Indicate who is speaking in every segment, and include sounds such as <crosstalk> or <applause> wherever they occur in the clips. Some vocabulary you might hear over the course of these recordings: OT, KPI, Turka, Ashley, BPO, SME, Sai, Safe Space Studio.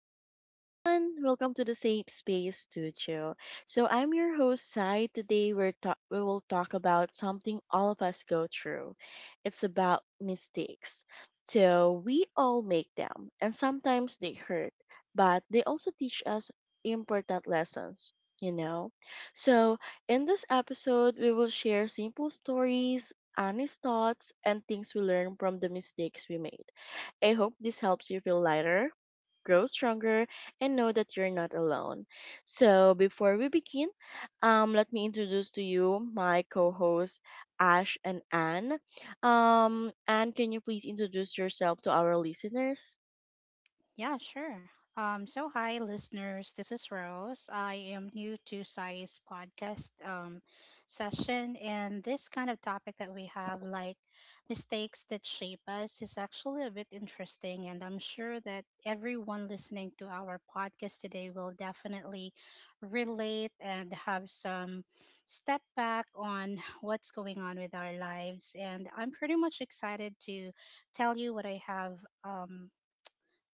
Speaker 1: Hello, everyone. Welcome to the Safe Space Studio. I'm your host, Sai. Today, we will talk about something all of us go through. It's about mistakes. So, we all make them, and sometimes they hurt, but they also teach us important lessons, you know? So, in this episode, we will share simple stories, honest thoughts, and things we learn from the mistakes we made. I hope this helps you feel lighter, grow stronger, and know that you're not alone. So, before we begin, let me introduce to you my co hosts, Ash and Anne. Anne, can you please introduce yourself to our listeners?
Speaker 2: Yeah, sure. So hi listeners, this is Rose. I am new to Sai's podcast session, and this kind of topic that we have, like mistakes that shape us, is actually a bit interesting, and I'm sure that everyone listening to our podcast today will definitely relate and have some step back on what's going on with our lives. And I'm pretty much excited to tell you what I have um,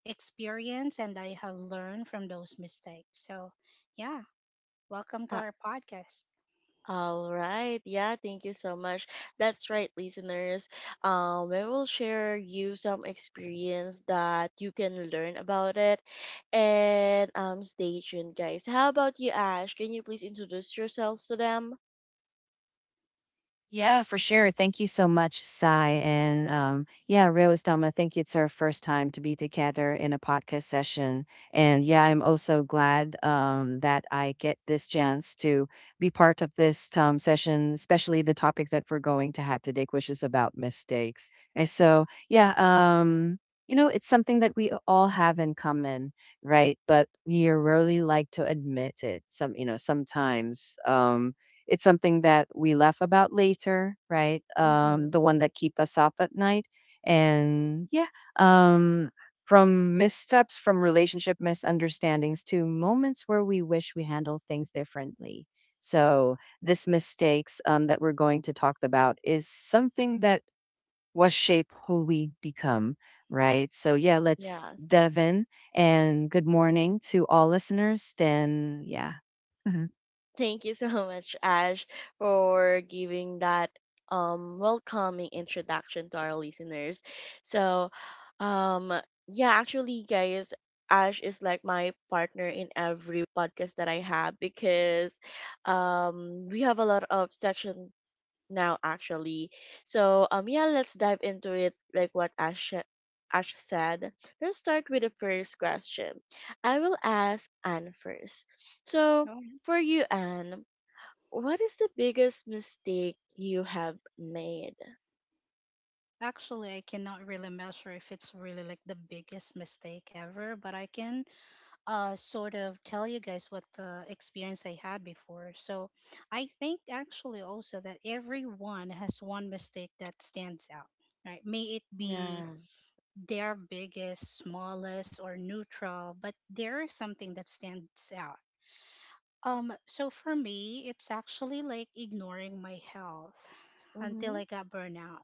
Speaker 2: experience and I have learned from those mistakes. So, yeah, welcome to
Speaker 1: Uh,
Speaker 2: our podcast.
Speaker 1: All right. Yeah, thank you so much. That's right, listeners. I will share you some experience that you can learn about it. And stay tuned, guys. How about you, Ash? Can you please introduce yourselves to them?
Speaker 3: Yeah, for sure. Thank you so much, Sai. And yeah, Rose Dom, I think it's our first time to be together in a podcast session. And yeah, I'm also glad that I get this chance to be part of this session, especially the topic that we're going to have today, which is about mistakes. And so, yeah, um, it's something that we all have in common, right? But we really like to admit it. Some, sometimes. It's something that we laugh about later, right? The
Speaker 1: Mm-hmm.
Speaker 3: one that keep us up at night. And yeah, um, from missteps, from relationship misunderstandings to moments where we wish we handled things differently. So this mistakes that we're going to talk about is something that was shape who we become, right? So yeah, let's
Speaker 1: Yes.
Speaker 3: dive in. And good morning to all listeners. Then yeah. <laughs>
Speaker 1: Thank you so much, Ash, for giving that welcoming introduction to our listeners. So, um yeah, actually guys, Ash is like my partner in every podcast that I have because we have a lot of section now actually. So yeah, let's dive into it like what Ash said. Let's start with the first question. I will ask Anne first. So
Speaker 2: Well,
Speaker 1: for you, Anne, what is the biggest mistake you have made?
Speaker 2: actually, I cannot really measure if it's really like the biggest mistake ever, but I can sort of tell you guys what the experience I had before. So, I think actually also that everyone has one mistake that stands out, right? May it be
Speaker 1: Yeah.
Speaker 2: their biggest, smallest, or neutral, but there is something that stands out. So for me, it's actually like ignoring my health until
Speaker 1: Mm-hmm.
Speaker 2: I got burnout.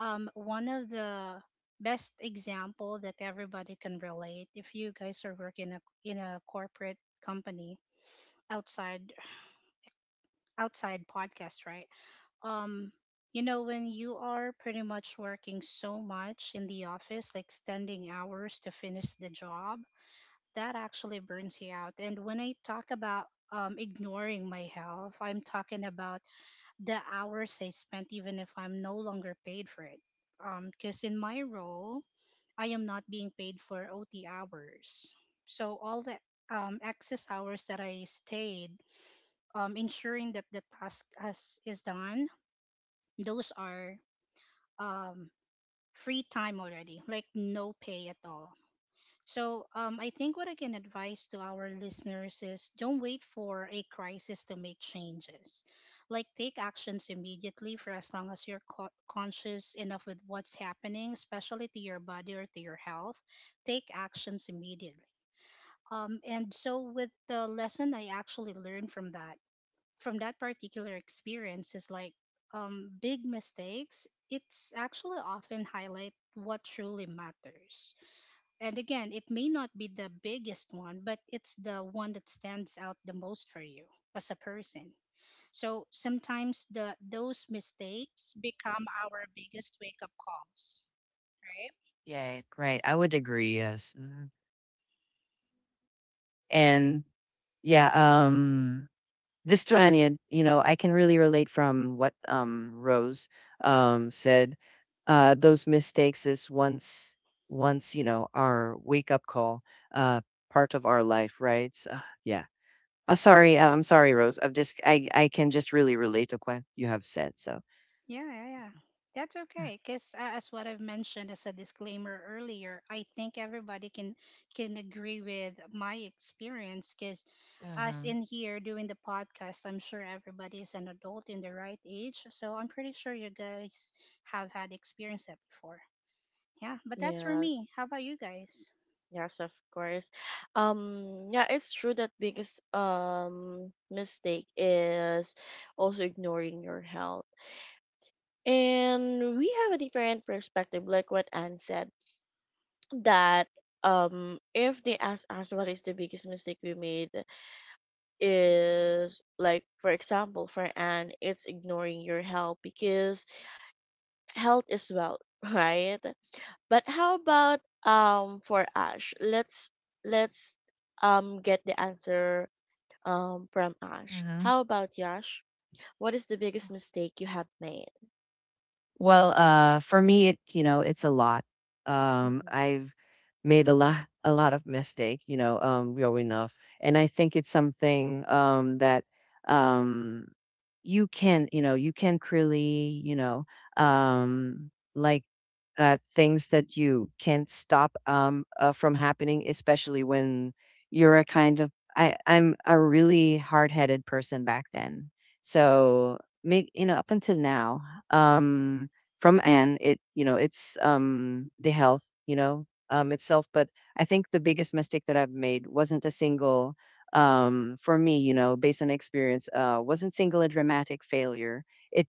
Speaker 2: One of the best example that everybody can relate if you guys are working in a corporate company outside podcast, right? Um, you know, when you are pretty much working so much in the office, like standing hours to finish the job, that actually burns you out. And when I talk about ignoring my health, I'm talking about the hours I spent, even if I'm no longer paid for it. Because in my role, I am not being paid for OT hours. So all the excess hours that I stayed, ensuring that the is done, those are um, free time already, like no pay at all. So, I think what I can advise to our listeners is don't wait for a crisis to make changes. Like, take actions immediately for as long as you're conscious enough with what's happening, especially to your body or to your health. Take actions immediately. And so, with the lesson I actually learned from from that particular experience, is like big mistakes, it's actually often highlight what truly matters. And again, it may not be the biggest one, but it's the one that stands out the most for you as a person. So sometimes the those mistakes become our biggest wake up calls, right?
Speaker 3: Yeah, great. I would agree. Yes. Mhm. And yeah, um, this Stranian, I can really relate from what Rose said. Those mistakes is once, once our wake up call, uh, part of our life, right? So, yeah. Sorry, I'm sorry, Rose. I'm just, I can just really relate to what you have said. So.
Speaker 2: Yeah, yeah, yeah. That's
Speaker 3: uh,
Speaker 2: okay, because as what I've mentioned as a disclaimer earlier, I think everybody can agree with my experience. Because us
Speaker 3: Uh
Speaker 2: in here doing the podcast, I'm sure everybody is an adult in the right age, so I'm pretty sure you guys have had experience that before. Yeah, but that's for
Speaker 1: Yes.
Speaker 2: me. How about you guys?
Speaker 1: Yes, of course. Yeah, it's true that biggest mistake is also ignoring your health, and we have a different perspective like what Anne said that if they ask us what is the biggest mistake we made is like, for example, for Anne it's ignoring your health because health is wealth <laughs> right? But how about for Ash? Let's get the answer from Ash.
Speaker 3: huh.
Speaker 1: How about Yash, what is the biggest mistake you have made?
Speaker 3: Well, for me, it's a lot.
Speaker 1: Mm-hmm.
Speaker 3: I've made a lot of mistake, growing up, and I think it's something that um, you can really, like things that you can't stop from happening, especially when you're a kind of I, I'm a really hard-headed person back then. So make up until now, um, from Anne, it's the health itself. But I think the biggest mistake that I've made wasn't a single for me based on experience wasn't single a dramatic failure. it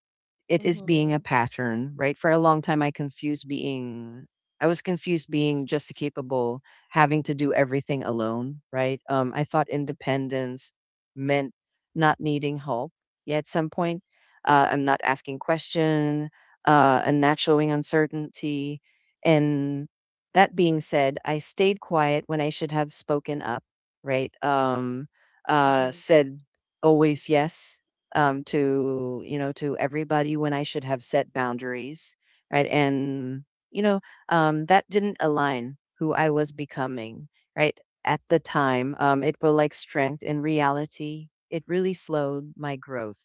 Speaker 3: it is being a
Speaker 1: Mm-hmm.
Speaker 3: pattern, right? For a long time, I was confused being just capable, having to do everything alone, right? I thought independence meant not needing help. Yeah, at some point, I'm not asking question, and not showing uncertainty. And that being said, I stayed quiet when I should have spoken up, right? Said always yes, to you know to everybody when I should have set boundaries, right? And you know that didn't align who I was becoming, right? At the time, it will like strength. In reality, it really slowed my growth.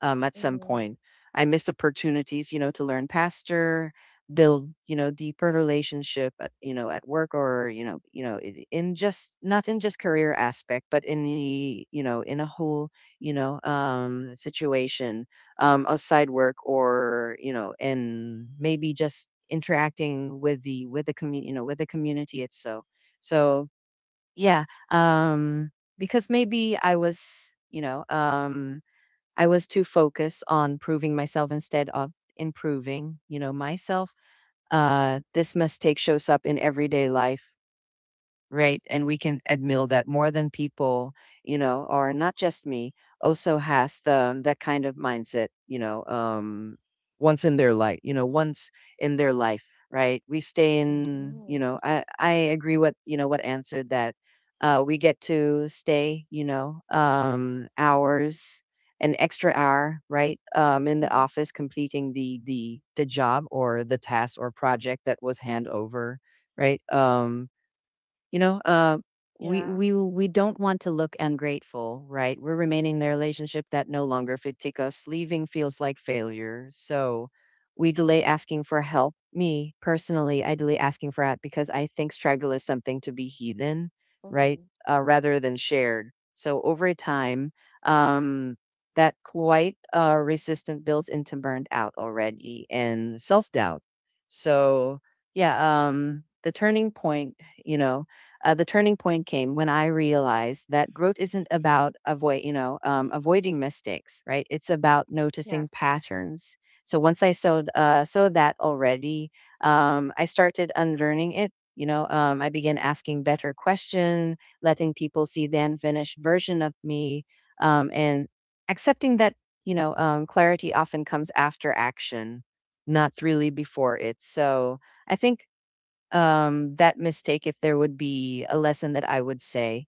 Speaker 3: At some
Speaker 1: Mm-hmm.
Speaker 3: point, I missed opportunities, to learn pastor, build, deeper relationship, at work or in just not in just career aspect, but in a whole situation, outside work or, and maybe just interacting with the community, with the community itself. So yeah, um, because maybe you know, um, I was too focused on proving myself instead of improving, myself. This mistake shows up in everyday life. Right. And we can admit that more than people, or not just me, also has the that kind of mindset, once in their life, once in their life, right? We stay in,
Speaker 1: Mm-hmm.
Speaker 3: I agree what, what, answered that, we get to stay, hours an extra hour, right? In the
Speaker 2: Mhm.
Speaker 3: office completing the job or the task or project that was hand over, right? You know, uh, we
Speaker 1: Yeah.
Speaker 3: we we don't want to look ungrateful, right? We're remaining in a relationship that no longer fit take us. Leaving feels like failure, so we delay asking for help. Me personally, I delay asking for help because I think struggle is something to be hidden, right?
Speaker 1: Mm-hmm.
Speaker 3: Rather than shared. So over time, um, that quite resistant builds into burned out already and self doubt. So yeah, the turning point, you know, the turning point came when I realized that growth isn't about avoiding mistakes, right? It's about noticing
Speaker 1: Yes.
Speaker 3: patterns. So once I saw that already, I started unlearning it. I began asking better question, letting people see the unfinished version of me, and accepting that clarity often comes after action, not really before it. So I think that mistake if there would be a lesson that I would say,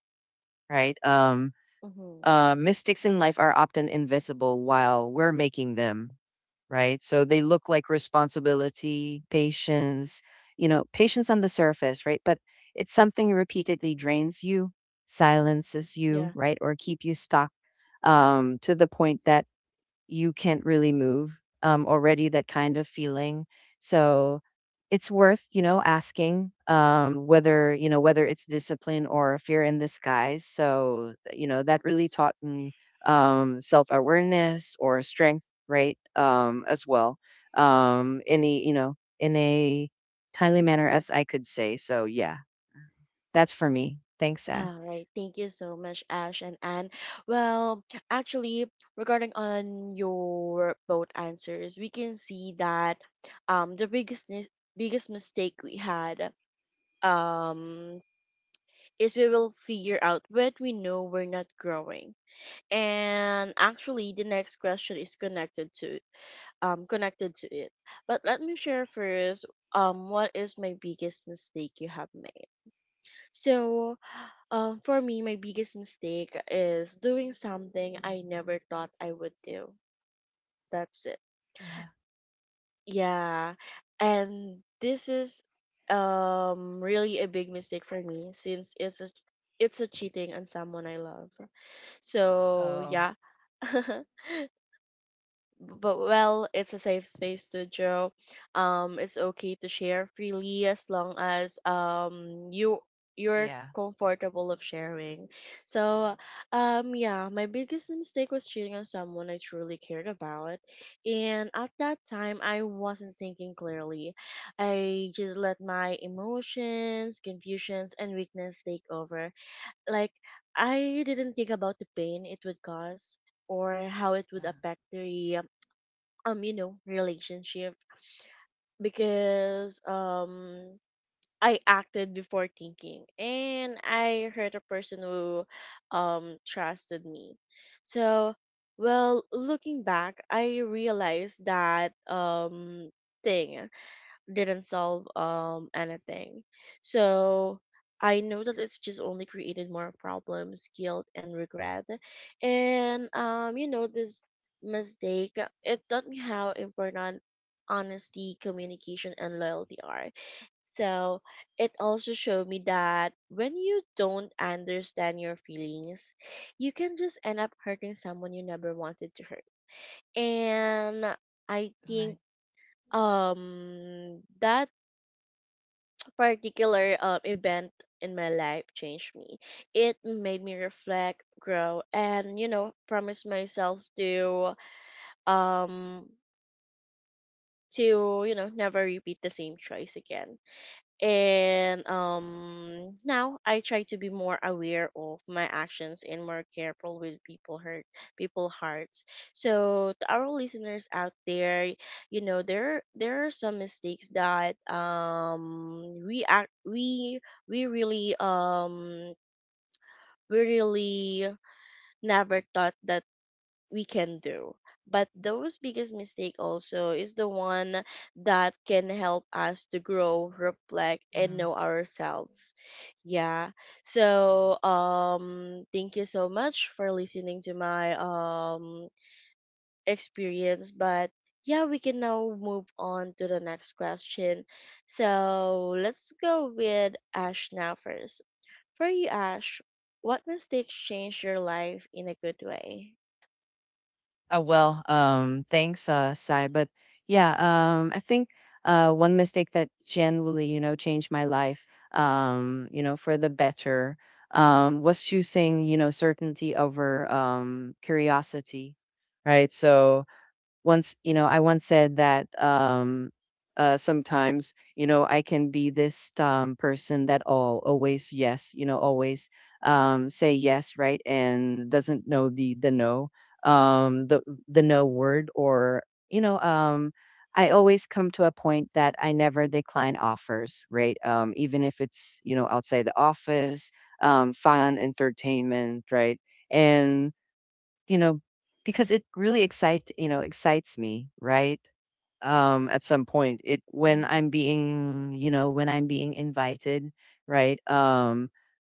Speaker 3: right? Um,
Speaker 1: Mm-hmm.
Speaker 3: uh, mistakes in life are often invisible while we're making them, right? So they look like responsibility, patience on the surface, right? But it's something repeatedly drains you, silences you,
Speaker 1: Yeah.
Speaker 3: right? Or keep you stuck to the point that you can't really move already, that kind of feeling. So it's worth asking whether you know whether it's discipline or fear in disguise. So that really taught me self-awareness or strength, right, as well, in a timely manner as I could say. So yeah, that's for me. Thanks, Zach.
Speaker 1: All right. Thank you so much, Ash and Anne. Well, actually, regarding on your both answers, we can see that um the biggest mis- biggest mistake we had um is we will figure out what we know we're not growing. And actually, the next question is connected to connected to it. But let me share first what is my biggest mistake you have made. So for me, my biggest mistake is doing something I never thought I would do. That's it.
Speaker 3: Yeah.
Speaker 1: Yeah. And this is really a big mistake for me, since it's a, it's a cheating on someone I love. So
Speaker 3: Oh,
Speaker 1: yeah. <laughs> But well, it's a safe space to joke. It's okay to share freely as long as you you're
Speaker 3: yeah.
Speaker 1: comfortable of sharing. So yeah, my biggest mistake was cheating on someone I truly cared about, and at that time I wasn't thinking clearly. I just let my emotions, confusions, and weakness take over. Like, I didn't think about the pain it would cause or how it
Speaker 3: Uh,
Speaker 1: would affect the you know, relationship, because I acted before thinking and I hurt a person who trusted me. So, well, looking back, I realized that thing didn't solve anything. So I know that it's just only created more problems, guilt, and regret. And you know, this mistake, it taught me how important honesty, communication, and loyalty are. So it also showed me that when you don't understand your feelings, you can just end up hurting someone you never wanted to hurt. And I
Speaker 3: All
Speaker 1: think that particular event in my life changed me. It made me reflect, grow, and, you know, promise myself to um to, you know, never repeat the same choice again. And now I try to be more aware of my actions and more careful with people hurt, people hearts. So to our listeners out there, you know, there are some mistakes that we really um we really never thought that we can do. But those biggest mistake also is the one that can help us to grow, reflect,
Speaker 3: right.
Speaker 1: and know ourselves. Yeah. So thank you so much for listening to my experience. But yeah, we can now move on to the next question. So let's go with Ash now first. For you, Ash, what mistakes changed your life in a good way?
Speaker 3: Oh, well, thanks, Sai. But yeah, I think one mistake that genuinely, changed my life, for the better, was choosing, certainty over curiosity, right? So once you know I once said that sometimes, I can be this person that all always yes, always say yes, right? And doesn't know the no, um the the no word, or you know um I always come to a point that I never decline offers, right? Even if it's, outside the office, fun entertainment, right? And, you know, because it really excites me, right? At some point, it when I'm being, you know, when I'm being invited, right? Um,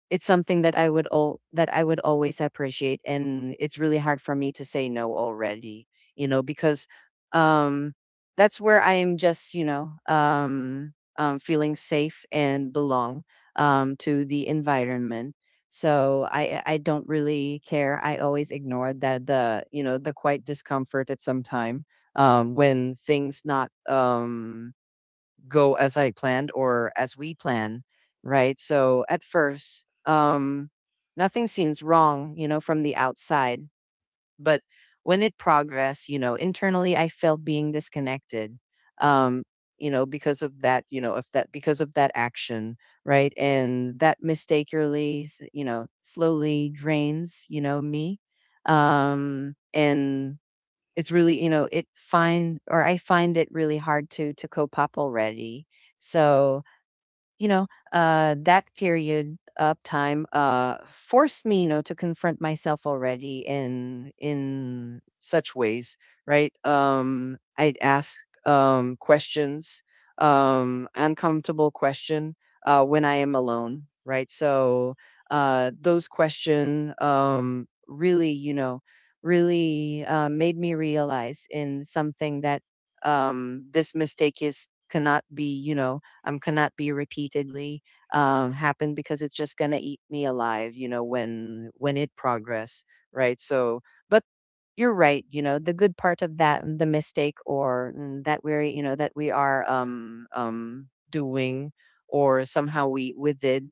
Speaker 3: it's something that I would always appreciate, and it's really hard for me to say no already, because um, that's where I am just, feeling safe and belong to the environment. So I don't really care. I always ignore that the you know the quite discomfort at some time, when things not go as I planned or as we plan, right? So at first, nothing seems wrong, from the outside. But when it progressed, internally, I felt being disconnected, um, because of that, you know, if that because of that action, right? And that mistakenly, slowly drains, me. And it's really you know it find or I find it really hard to cope up already. So you know, that period of time forced me, to confront myself already in such ways, right? I'd ask um, questions, um, uncomfortable question, when I am alone, right? So those question really made me realize in something, that this mistake is cannot be repeatedly happen, because it's just gonna eat me alive, when it progress, right? So, but you're right, the good part of that, the mistake or, that we are doing or somehow we with it,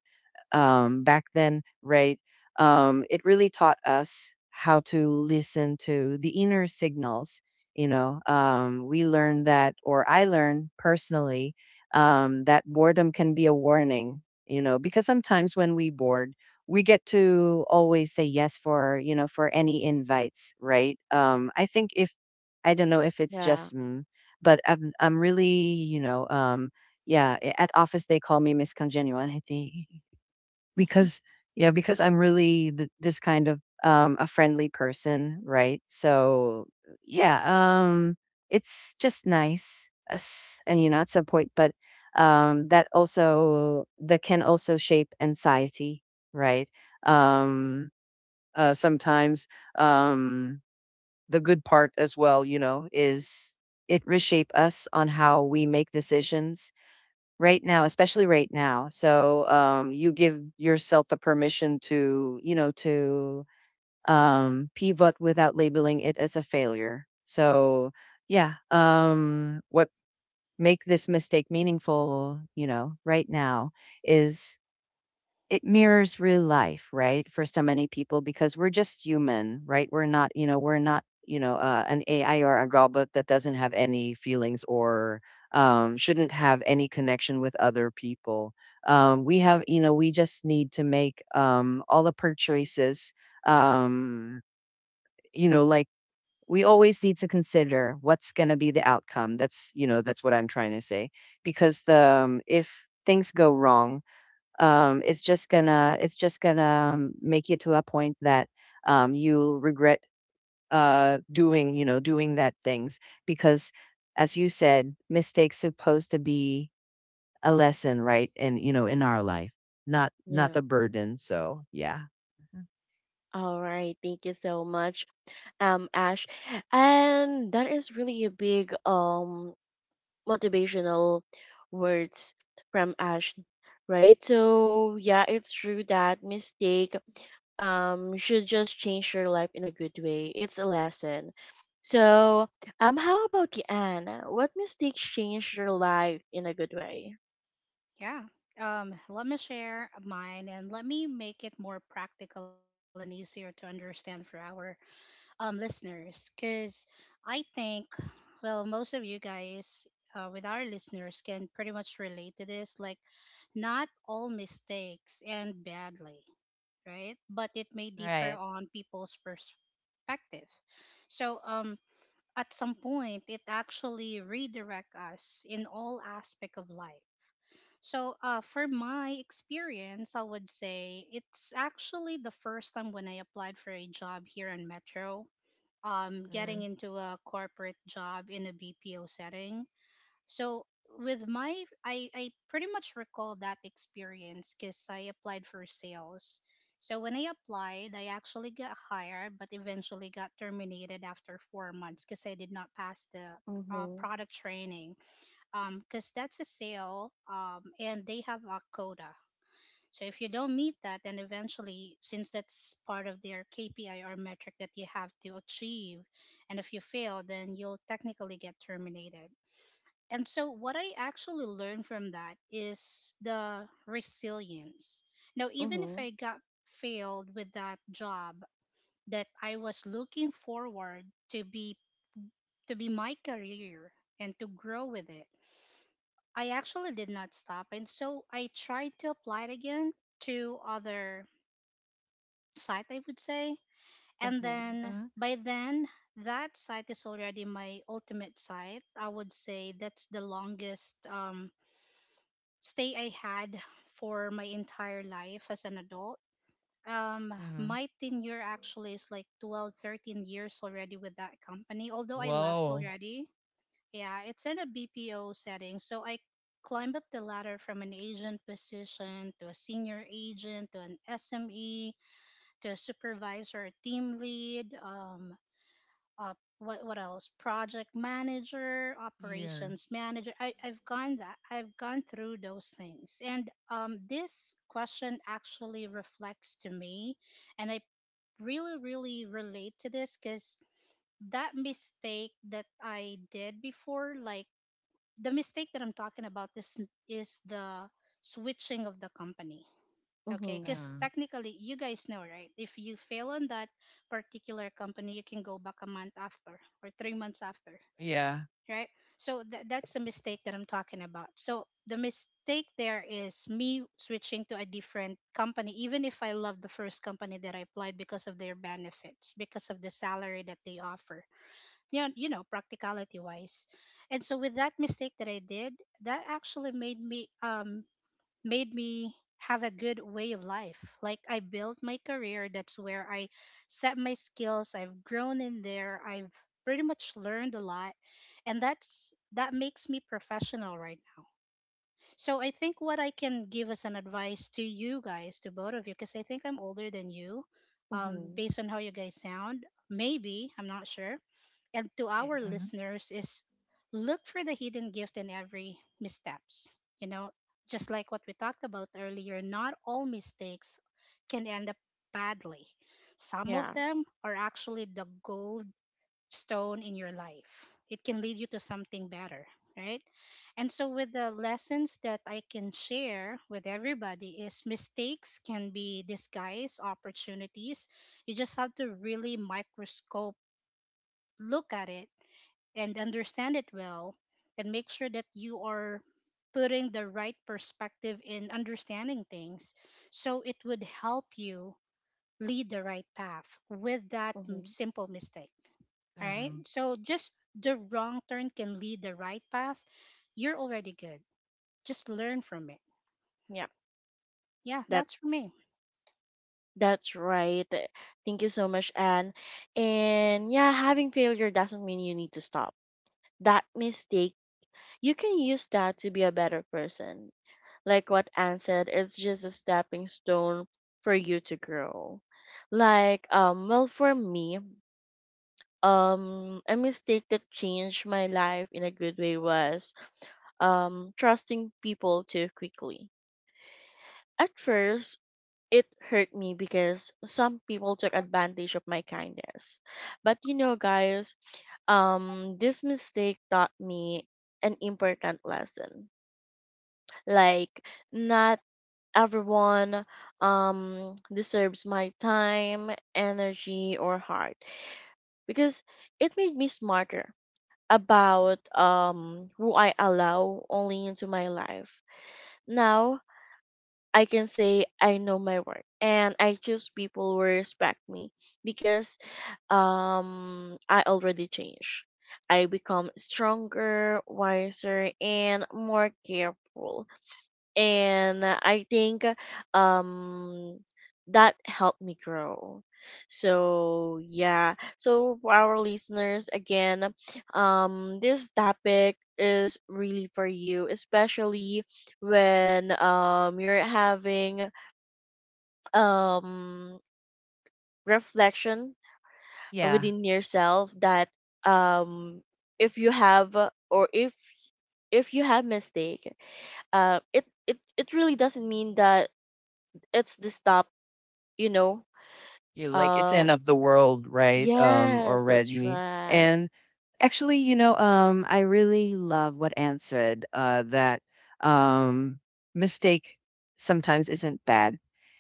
Speaker 3: back then, right? It really taught us how to listen to the inner signals. We learned that, or I learned personally, that boredom can be a warning, because sometimes when we bored, we get to always say yes for any invites, right? I think if, I don't know if it's
Speaker 1: Yeah.
Speaker 3: just, but I'm really, yeah, at office they call me Miss Congeniality.
Speaker 2: Mm-hmm.
Speaker 3: Because yeah, because I'm really this kind of a friendly person, right? So yeah, it's just nice as and, at some point, but that can also shape anxiety, right? Um sometimes um the good part as well, is it reshape us on how we make decisions right now, especially right now. So, you give yourself the permission to pivot without labeling it as a failure. So, yeah, what make this mistake meaningful, right now, is it mirrors real life, right? For so many people, because we're just human, right? We're not, we're not, an AI or a robot that doesn't have any feelings or shouldn't have any connection with other people. We have, we just need to make all of our choices. Um, you know, like we always need to consider what's going to be the outcome. That's what I'm trying to say. Because the if things go wrong, it's just gonna make you to a point that you'll regret doing doing that things, because as you said, mistakes supposed to be a lesson, right? And you know, in our life, not
Speaker 1: Yeah.
Speaker 3: a burden. So yeah. Mhm.
Speaker 1: All right, thank you so much, Ash, and that is really a big motivational words from Ash, right? So yeah, it's true that mistake should just change your life in a good way. It's a lesson. So how about you, Anne? What mistakes changed your life in a good way?
Speaker 2: Yeah. Let me share mine and let me make it more practical and easier to understand for our listeners, because I think, well, most of you guys, with our listeners, can pretty much relate to this. Like, not all mistakes end badly, right? But it may differ
Speaker 3: Right.
Speaker 2: on people's perspective. So um, at some point it actually redirect us in all aspect of life. So for my experience, I would say it's actually the first time when I applied for a job here in metro, getting into a corporate job in a BPO setting. So with I pretty much recall that experience because I applied for sales. So when I applied, I actually got hired, but eventually got terminated after 4 months because I did not pass the
Speaker 1: Mhm.
Speaker 2: product training. Because that's a sale, and they have a quota. So if you don't meet that, then eventually, since that's part of their KPI or metric that you have to achieve, and if you fail, then you'll technically get terminated. And so, what I actually learned from that is the resilience. Now, even if
Speaker 1: Mhm.
Speaker 2: I got failed with that job that I was looking forward to be to be my career and to grow with it, I actually did not stop. And so I tried to apply it again to other site, I would say. And
Speaker 1: Mhm.
Speaker 2: then
Speaker 3: Mhm.
Speaker 2: by then, that site is already my ultimate site. I would say that's the longest stay I had for my entire life as an adult.
Speaker 3: Mhm.
Speaker 2: My tenure actually is like 12, 13 years already with that company, although I left
Speaker 3: Oh,
Speaker 2: already. Yeah, it's in a BPO setting. So I climbed up the ladder from an agent position to a senior agent to an SME, the supervisor, team lead, op, what else? Project manager,
Speaker 3: Ye-
Speaker 2: operations manager. I've gone that I've gone through those things, and this question actually reflects to me, and I really really relate to this because that mistake that I did before, like the mistake that I'm talking about, is the switching of the company. Okay,
Speaker 1: Mhm.
Speaker 2: because
Speaker 3: um,
Speaker 2: technically, you guys know, right? If you fail on that particular company, you can go back a month after or 3 months after,
Speaker 3: yeah.
Speaker 2: right? So that's the mistake that I'm talking about. So the mistake there is me switching to a different company, even if I love the first company that I applied, because of their benefits, because of the salary that they offer, you know, practicality wise. And so with that mistake that I did, that actually made me have a good way of life. Like I built my career, that's where I set my skills. I've grown in there. I've pretty much learned a lot. And that makes me professional right now. So I think what I can give as an advice to you guys, to both of you, because I think I'm older than you,
Speaker 1: Mhm.
Speaker 2: based on how you guys sound, maybe, I'm not sure. And to our
Speaker 3: Mhm.
Speaker 2: listeners is look for the hidden gift in every missteps. You know, just like what we talked about earlier, not all mistakes can end up badly. Some of
Speaker 1: Yeah.
Speaker 2: them are actually the gold stone in your life. It can lead you to something better, right? And so, with the lessons that I can share with everybody, is mistakes can be disguised opportunities. You just have to really microscope look at it and understand it well, and make sure that you are putting the right perspective in understanding things, so it would help you lead the right path with that
Speaker 1: Mhm.
Speaker 2: simple mistake. All right.
Speaker 3: Mhm.
Speaker 2: So just the wrong turn can lead the right path. You're already good. Just learn from it.
Speaker 1: Yeah.
Speaker 2: Yeah, that's for me.
Speaker 1: That's right. Thank you so much, Anne. And yeah, having failure doesn't mean you need to stop. That mistake, you can use that to be a better person. Like what Anne said, it's just a stepping stone for you to grow. Like, well, for me, a mistake that changed my life in a good way was trusting people too quickly. At first, it hurt me because some people took advantage of my kindness. But you know, guys, this mistake taught me an important lesson. Like, not everyone deserves my time, energy, or heart, because it made me smarter about who I allow only into my life. Now I can say I know my work and I choose people who respect me, because I already changed. I become stronger, wiser, and more careful, and I think um that helped me grow. So yeah. So for our listeners again, this topic is really for you, especially when you're having um reflection
Speaker 3: Yeah,
Speaker 1: within yourself that um if you have or if you have mistake, it really doesn't mean that it's the stop, you know.
Speaker 3: you like it's
Speaker 1: uh
Speaker 3: end of the world, right?
Speaker 1: yes, that's
Speaker 3: Already
Speaker 1: right.
Speaker 3: and Actually, I really love what Anne said, that um, mistake sometimes isn't bad.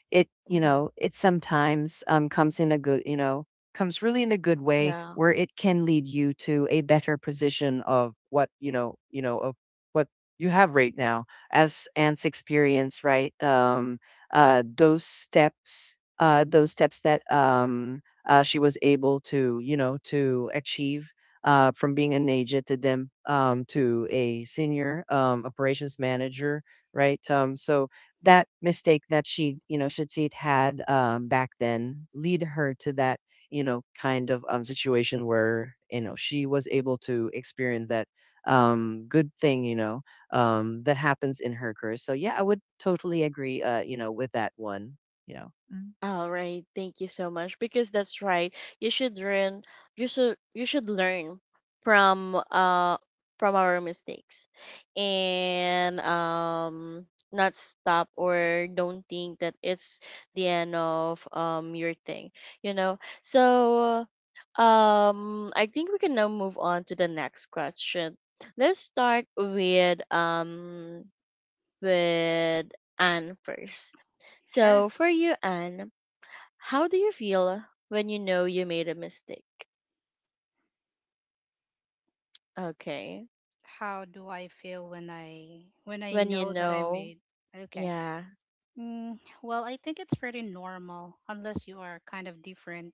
Speaker 3: It, you
Speaker 1: Mhm.
Speaker 3: know, it sometimes, comes in a good, you know, comes really in a good way,
Speaker 1: Yeah.
Speaker 3: where it can lead you to a better position of what you know of what you have right now. As Ant's experience, right? Those steps, those steps that she was able to, you know, to achieve, from being a agent to them, to a senior, operations manager, right? So that mistake that she, you know, Shatzit had, back then, lead her to that, you know, kind of situation where, you know, she was able to experience that good thing, you know, that happens in her career. So yeah, I would totally agree, with that one, you know. Mm.
Speaker 1: All right, thank you so much, because that's right. You should learn. You should learn from uh from our mistakes, and not stop or don't think that it's the end of your thing. You know. So I think we can now move on to the next question. Let's start with with Anne first.
Speaker 2: Sure.
Speaker 1: So, for you, Anne, how do you feel when you know you made a mistake? Okay.
Speaker 2: How do I feel when I
Speaker 1: When you
Speaker 2: know that I
Speaker 1: know,
Speaker 2: made okay?
Speaker 1: yeah.
Speaker 2: Mm, well, I think it's pretty normal. Unless you are kind of different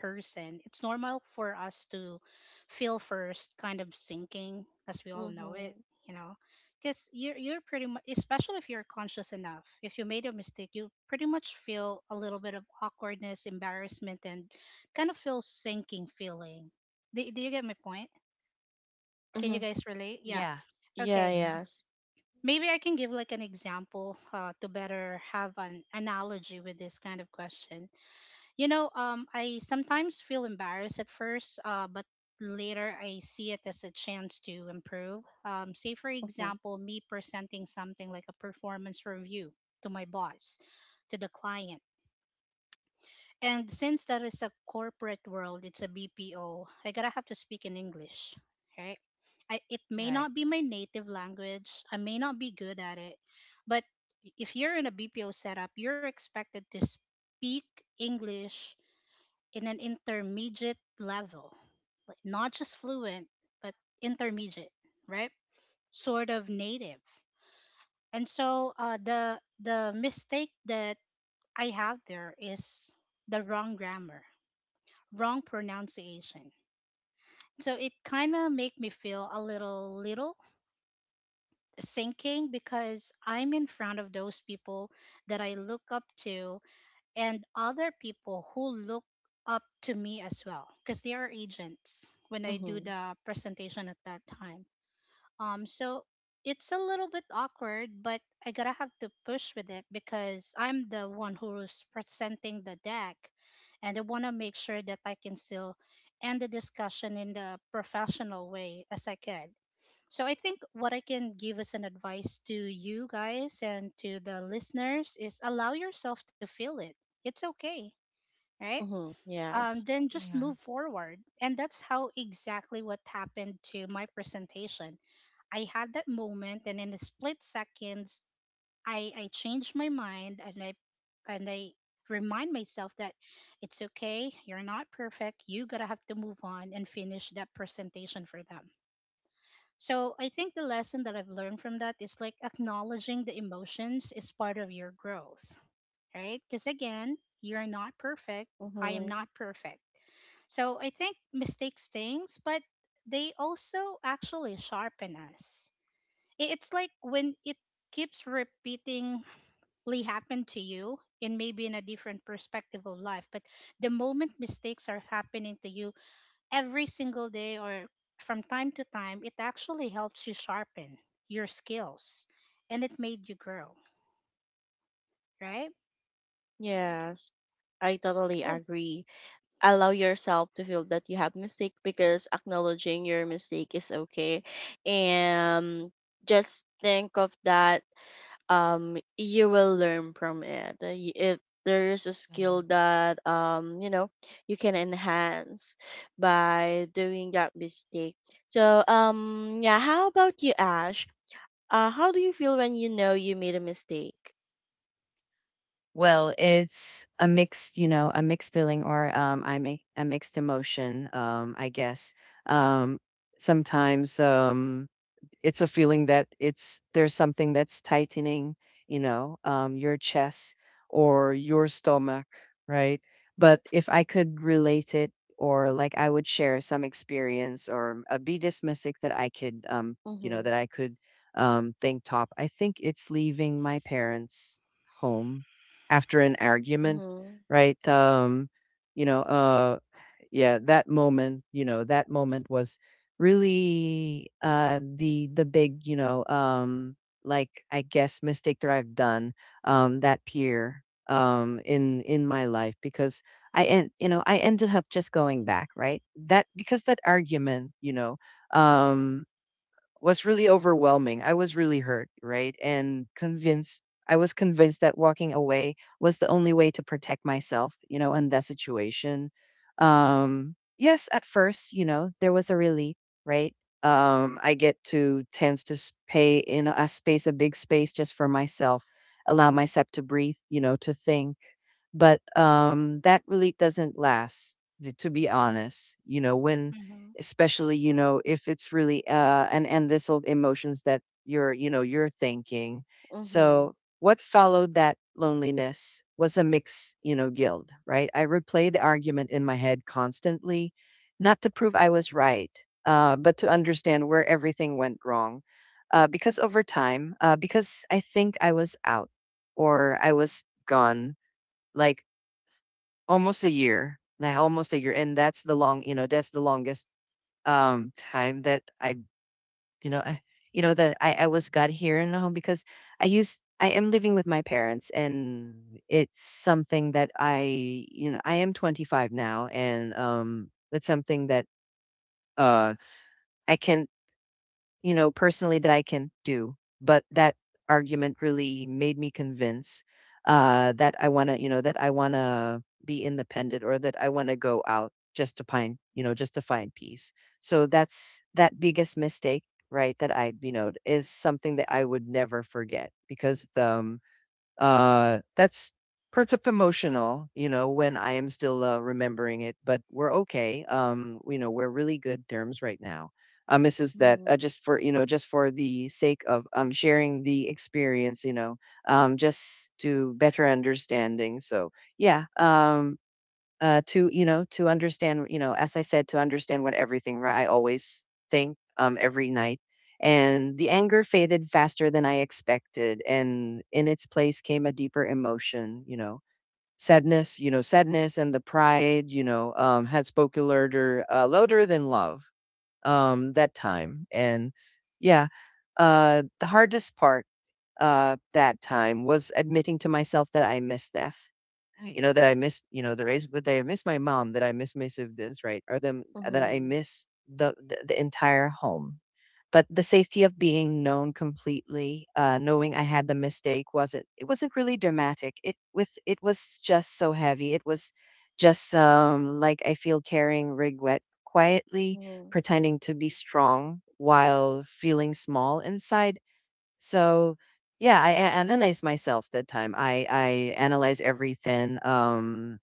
Speaker 2: person, it's normal for us to feel first kind of sinking, as we all know
Speaker 1: Mm-hmm.
Speaker 2: it, you know. Because you're pretty much, especially if you're conscious enough, if you made a mistake, you pretty much feel a little bit of awkwardness, embarrassment, and kind of feel sinking feeling. Do you get my point? Can you
Speaker 1: Mm-hmm.
Speaker 2: guys relate?
Speaker 1: Y-
Speaker 2: Yeah.
Speaker 3: Yeah.
Speaker 1: yeah,
Speaker 2: Okay.
Speaker 3: Mhm.
Speaker 1: yes.
Speaker 2: Maybe I can give like an example to better have an analogy with this kind of question. You know, I sometimes feel embarrassed at first, but later I see it as a chance to improve. Say, for
Speaker 1: Mm-hmm.
Speaker 2: example, me presenting something like a performance review to my boss, to the client. And since that is a corporate world, it's a BPO, I gotta have to speak in English, right? I, it may not be my native language, I may not be good at it, but if you're in a BPO setup, you're expected to speak English in an intermediate level, like not just fluent, but intermediate, right? Sort of native. And so the mistake that I have there is the wrong grammar, wrong pronunciation. So it kind of make me feel a little sinking because I'm in front of those people that I look up to, and other people who look up to me as well, because they are agents when I do
Speaker 1: Mm-hmm.
Speaker 2: the presentation at that time. So it's a little bit awkward, but I gotta have to push with it because I'm the one who's presenting the deck, and I wanna make sure that I can still end the discussion in the professional way as I could. So I think what I can give as an advice to you guys and to the listeners is allow yourself to feel it. It's okay, right?
Speaker 1: Mm-hmm. Yes.
Speaker 2: Then just move forward. And that's how exactly what happened to my presentation. I had that moment, and in a split seconds I changed my mind, and I remind myself that it's okay, you're not perfect, you gotta have to move on and finish that presentation for them. So I think the lesson that I've learned from that is like acknowledging the emotions is part of your growth, right? Because again, you're not perfect. I am
Speaker 1: Mm-hmm.
Speaker 2: not perfect. So I think mistakes things, but they also actually sharpen us. It's like when it keeps repeatingly happen to you and maybe in a different perspective of life, but the moment mistakes are happening to you every single day or from time to time, it actually helps you sharpen your skills and it made you grow, right?
Speaker 1: Yes. I totally
Speaker 2: Cool.
Speaker 1: agree. Allow yourself to feel that you have mistake, because acknowledging your mistake is okay. And just think of that you will learn from it. There is a
Speaker 3: Yeah.
Speaker 1: skill that you know, you can enhance by doing that mistake. So yeah, how about you, Ash? How do you feel when you know you made a mistake?
Speaker 3: Well, it's a mixed, you know, a mixed feeling, or I make a mixed emotion, I guess. Um sometimes it's a feeling that it's there's something that's tightening, your chest or your stomach, right? But if I could relate it, or like I would share some experience or a Buddhist mystic that I could,
Speaker 1: Mm-hmm.
Speaker 3: that I could, think top, I think it's leaving my parents' home after an argument,
Speaker 1: Mm-hmm.
Speaker 3: right? You know, uh, yeah, that moment, you know, that moment was really the big, you know, like I guess mistake that I've done that year in my life, because I ended up just going back, right? That because that argument, you know, um was really overwhelming. I was really hurt, right? And convinced, I was convinced that walking away was the only way to protect myself, you know, in that situation. Yes, at first, you know, there was a relief, right? I get to tends to s- pay in a space, a big space just for myself, allow myself to breathe, you know, to think. But that really doesn't last, t- to be honest. You know, when,
Speaker 2: hmm
Speaker 3: especially, you know, if it's really, and this'll emotions that you're, you know, you're thinking.
Speaker 1: Mm-hmm.
Speaker 3: So what followed that loneliness was a mix, you know, guilt, right? I replayed the argument in my head constantly, not to prove I was right, but to understand where everything went wrong. Because over time, because I think I was out or I was gone, like almost a year, like almost a year, and that's the long, you know, that's the longest time that I you know that I was got here in the home, because I am living with my parents. And it's something that I you know I am 25 now. And it's something that uh I can, you know, personally, that I can do. But that argument really made me convince, that I want to, you know, that I want to be independent, or that I want to go out just to find, you know, just to find peace. So that's that biggest mistake, right? That I, you know, is something that I would never forget, because the that's pretty emotional, you know, when I am still remembering it. But we're okay. You know, we're really good terms right now. This is that
Speaker 1: Mm-hmm.
Speaker 3: just for, you know, just for the sake of sharing the experience, you know, just to better understanding. So yeah, to, you know, to understand, you know, as I said, to understand what everything, right? I always think every night, and the anger faded faster than I expected, and in its place came a deeper emotion, you know, sadness, you know, sadness. And the pride, you know, had spoken louder, louder than love, that time. And yeah, the hardest part, that time was admitting to myself that I miss that. You know, that I miss, you know, the race, but that I miss my mom, that I miss my siblings, right? Or them, that I
Speaker 1: Mm-hmm.
Speaker 3: miss the entire home. But the safety of being known completely, knowing I had the mistake, wasn't, it wasn't really dramatic. It was just so heavy. It was just like I feel carrying regret quietly,
Speaker 1: Mm-hmm.
Speaker 3: pretending to be strong while feeling small inside. So yeah, I analyze myself that time. I analyze everything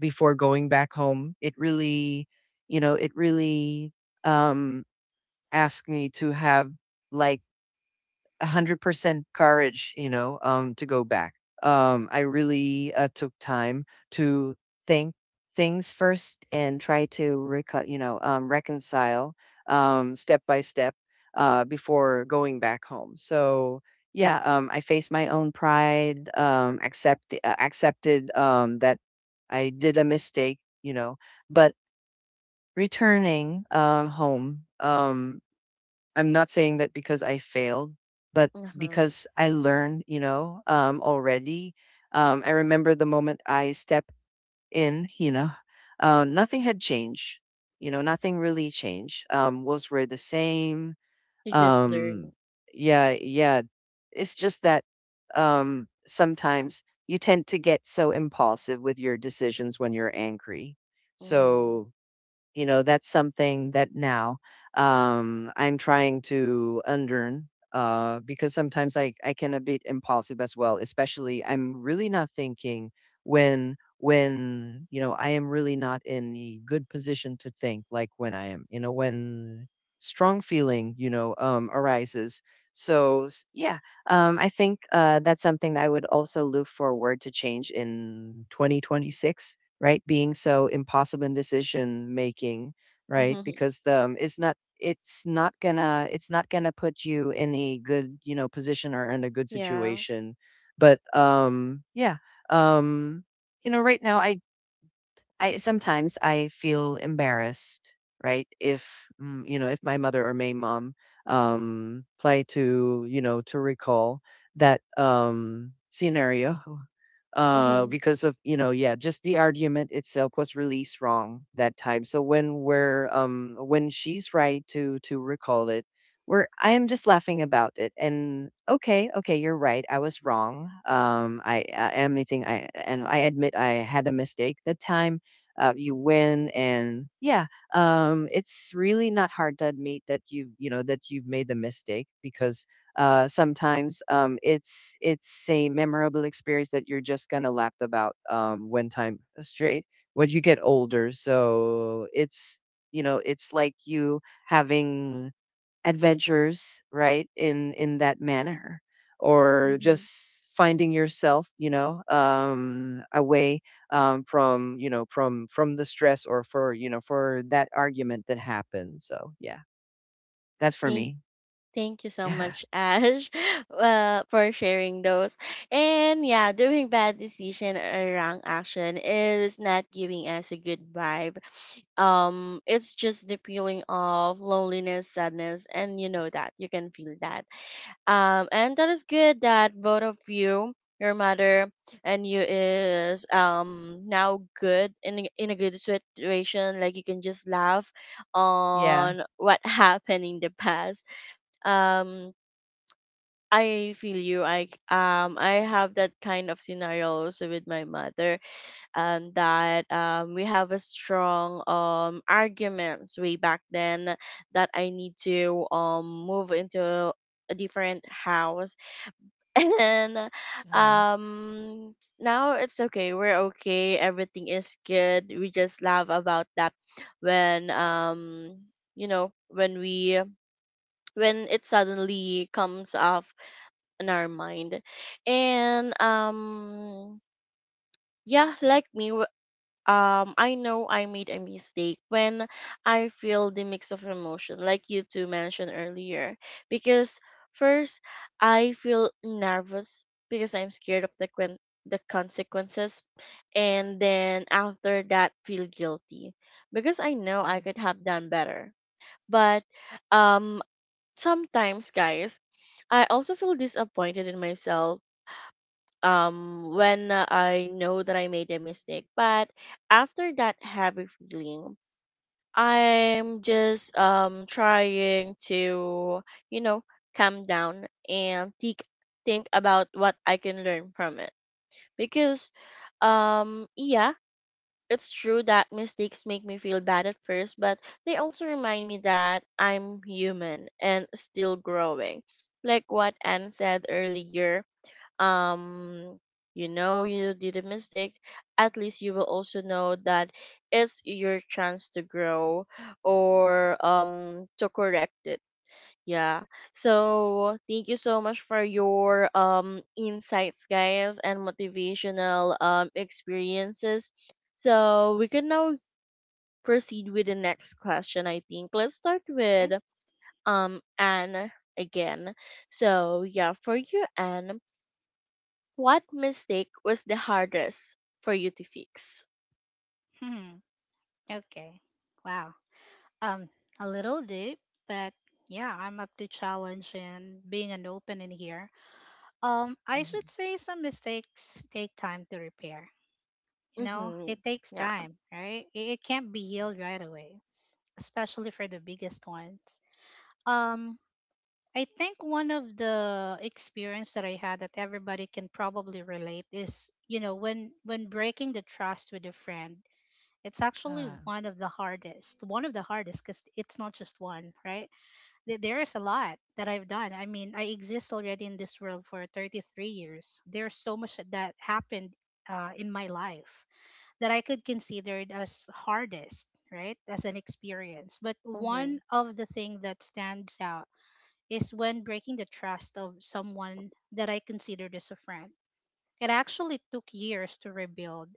Speaker 3: before going back home. It really, you know, it really um asked me to have like 100% courage, you know, to go back. I really took time to think things first, and try to reconcile step by step, before going back home. So yeah, I faced my own pride, accepted that I did a mistake, you know. But returning home, I'm not saying that because I failed, but
Speaker 1: Uh-huh.
Speaker 3: because I learned, you know, already. I remember the moment I stepped in, you know, nothing had changed. You know, nothing really changed. Was were the same.
Speaker 1: You just
Speaker 3: Um,
Speaker 1: learn.
Speaker 3: yeah, yeah. It's just that sometimes you tend to get so impulsive with your decisions when you're angry.
Speaker 1: Mm-hmm.
Speaker 3: So you know, that's something that now I'm trying to unlearn, because sometimes I can a bit impulsive as well, especially I'm really not thinking when, you know, I am really not in a good position to think, like when I am, you know, when strong feeling, you know, arises. So yeah, I think that's something that I would also look forward to change in 2026, right? Being so impossible in decision making, right?
Speaker 1: Mm-hmm.
Speaker 3: Because the it's not, it's not gonna, it's not gonna put you in a good, you know, position, or in a good
Speaker 1: Yeah.
Speaker 3: situation. But yeah, um, you know, right now, I sometimes I feel embarrassed, right? If you know, if my mother or my mom try to, you know, to recall that scenario <laughs>
Speaker 1: Mm-hmm.
Speaker 3: because of, you know, yeah, just the argument itself was released wrong that time. So when we're, when she's right to recall it, we're I am just laughing about it, and okay, okay, you're right, I was wrong. I admit I had a mistake that time, you win. And yeah, it's really not hard to admit that you know that you've made the mistake. Because sometimes it's a memorable experience that you're just gonna laugh about, when time straight, when you get older. So it's, you know, it's like you having adventures, right? In that manner, or just
Speaker 1: Mm-hmm.
Speaker 3: finding yourself, you know, away, from, you know, from the stress, or for, you know, for that argument that happened. So yeah, that's for
Speaker 1: Thank
Speaker 3: me.
Speaker 1: Thank you so
Speaker 3: Yeah,
Speaker 1: much, Ash, <laughs> for sharing those. And yeah, doing bad decision or wrong action is not giving us a good vibe. It's just the feeling of loneliness, sadness, and you know that you can feel that. And that is good that both of you, your mother and you, is now good in a good situation. Like you can just laugh
Speaker 3: yeah.
Speaker 1: on what <laughs> happened in the past. Um, I feel you. I have that kind of scenario also with my mother. That we have a strong arguments way back then, that I need to move into a different house <laughs> and now it's okay, we're okay, everything is good, we just laugh about that when you know, when we, when it suddenly comes off in our mind. And yeah, like me, I know I made a mistake when I feel the mix of emotion like you two mentioned earlier, because first I feel nervous because I'm scared of the the consequences, and then after that feel guilty because I know
Speaker 3: Yeah.
Speaker 1: I could have done better. But um sometimes guys, I also feel disappointed in myself when I know that I made a mistake. But after that heavy feeling, I'm just trying to, you know, calm down and think about what I can learn from it. Because yeah, it's true that mistakes make me feel bad at first, but they also remind me that I'm human and still growing. Like what Anne said earlier, um you know you did a mistake, at least you will also know that it's your chance to grow or to correct it, yeah. So thank you so much for your insights guys and motivational experiences, so we can now proceed with the next question. I think let's start
Speaker 2: Okay.
Speaker 1: with Anne again. So yeah, for you Anne, what mistake was the hardest for you to fix?
Speaker 2: hmm Okay. Wow. Um, a little deep, but yeah, I'm up to challenge and being an open in here. I should
Speaker 3: Mhm.
Speaker 2: say some mistakes take time to repair. You know,
Speaker 1: Mm-hmm.
Speaker 2: it takes
Speaker 1: Yeah.
Speaker 2: time, right? It can't be healed right away, especially for the biggest ones. Um, I think one of the experience that I had that everybody can probably relate is, you know, when breaking the trust with a friend, it's actually
Speaker 3: Uh,
Speaker 2: one of the hardest. One of the hardest, cuz it's not just one, right? There is a lot that I've done. I mean, I exist already in this world for 33 years. There's so much that happened in my life that I could consider it as hardest, right? As an experience. But
Speaker 1: Mm-hmm.
Speaker 2: one of the thing that stands out is when breaking the trust of someone that I considered as a friend. It actually took years to rebuild.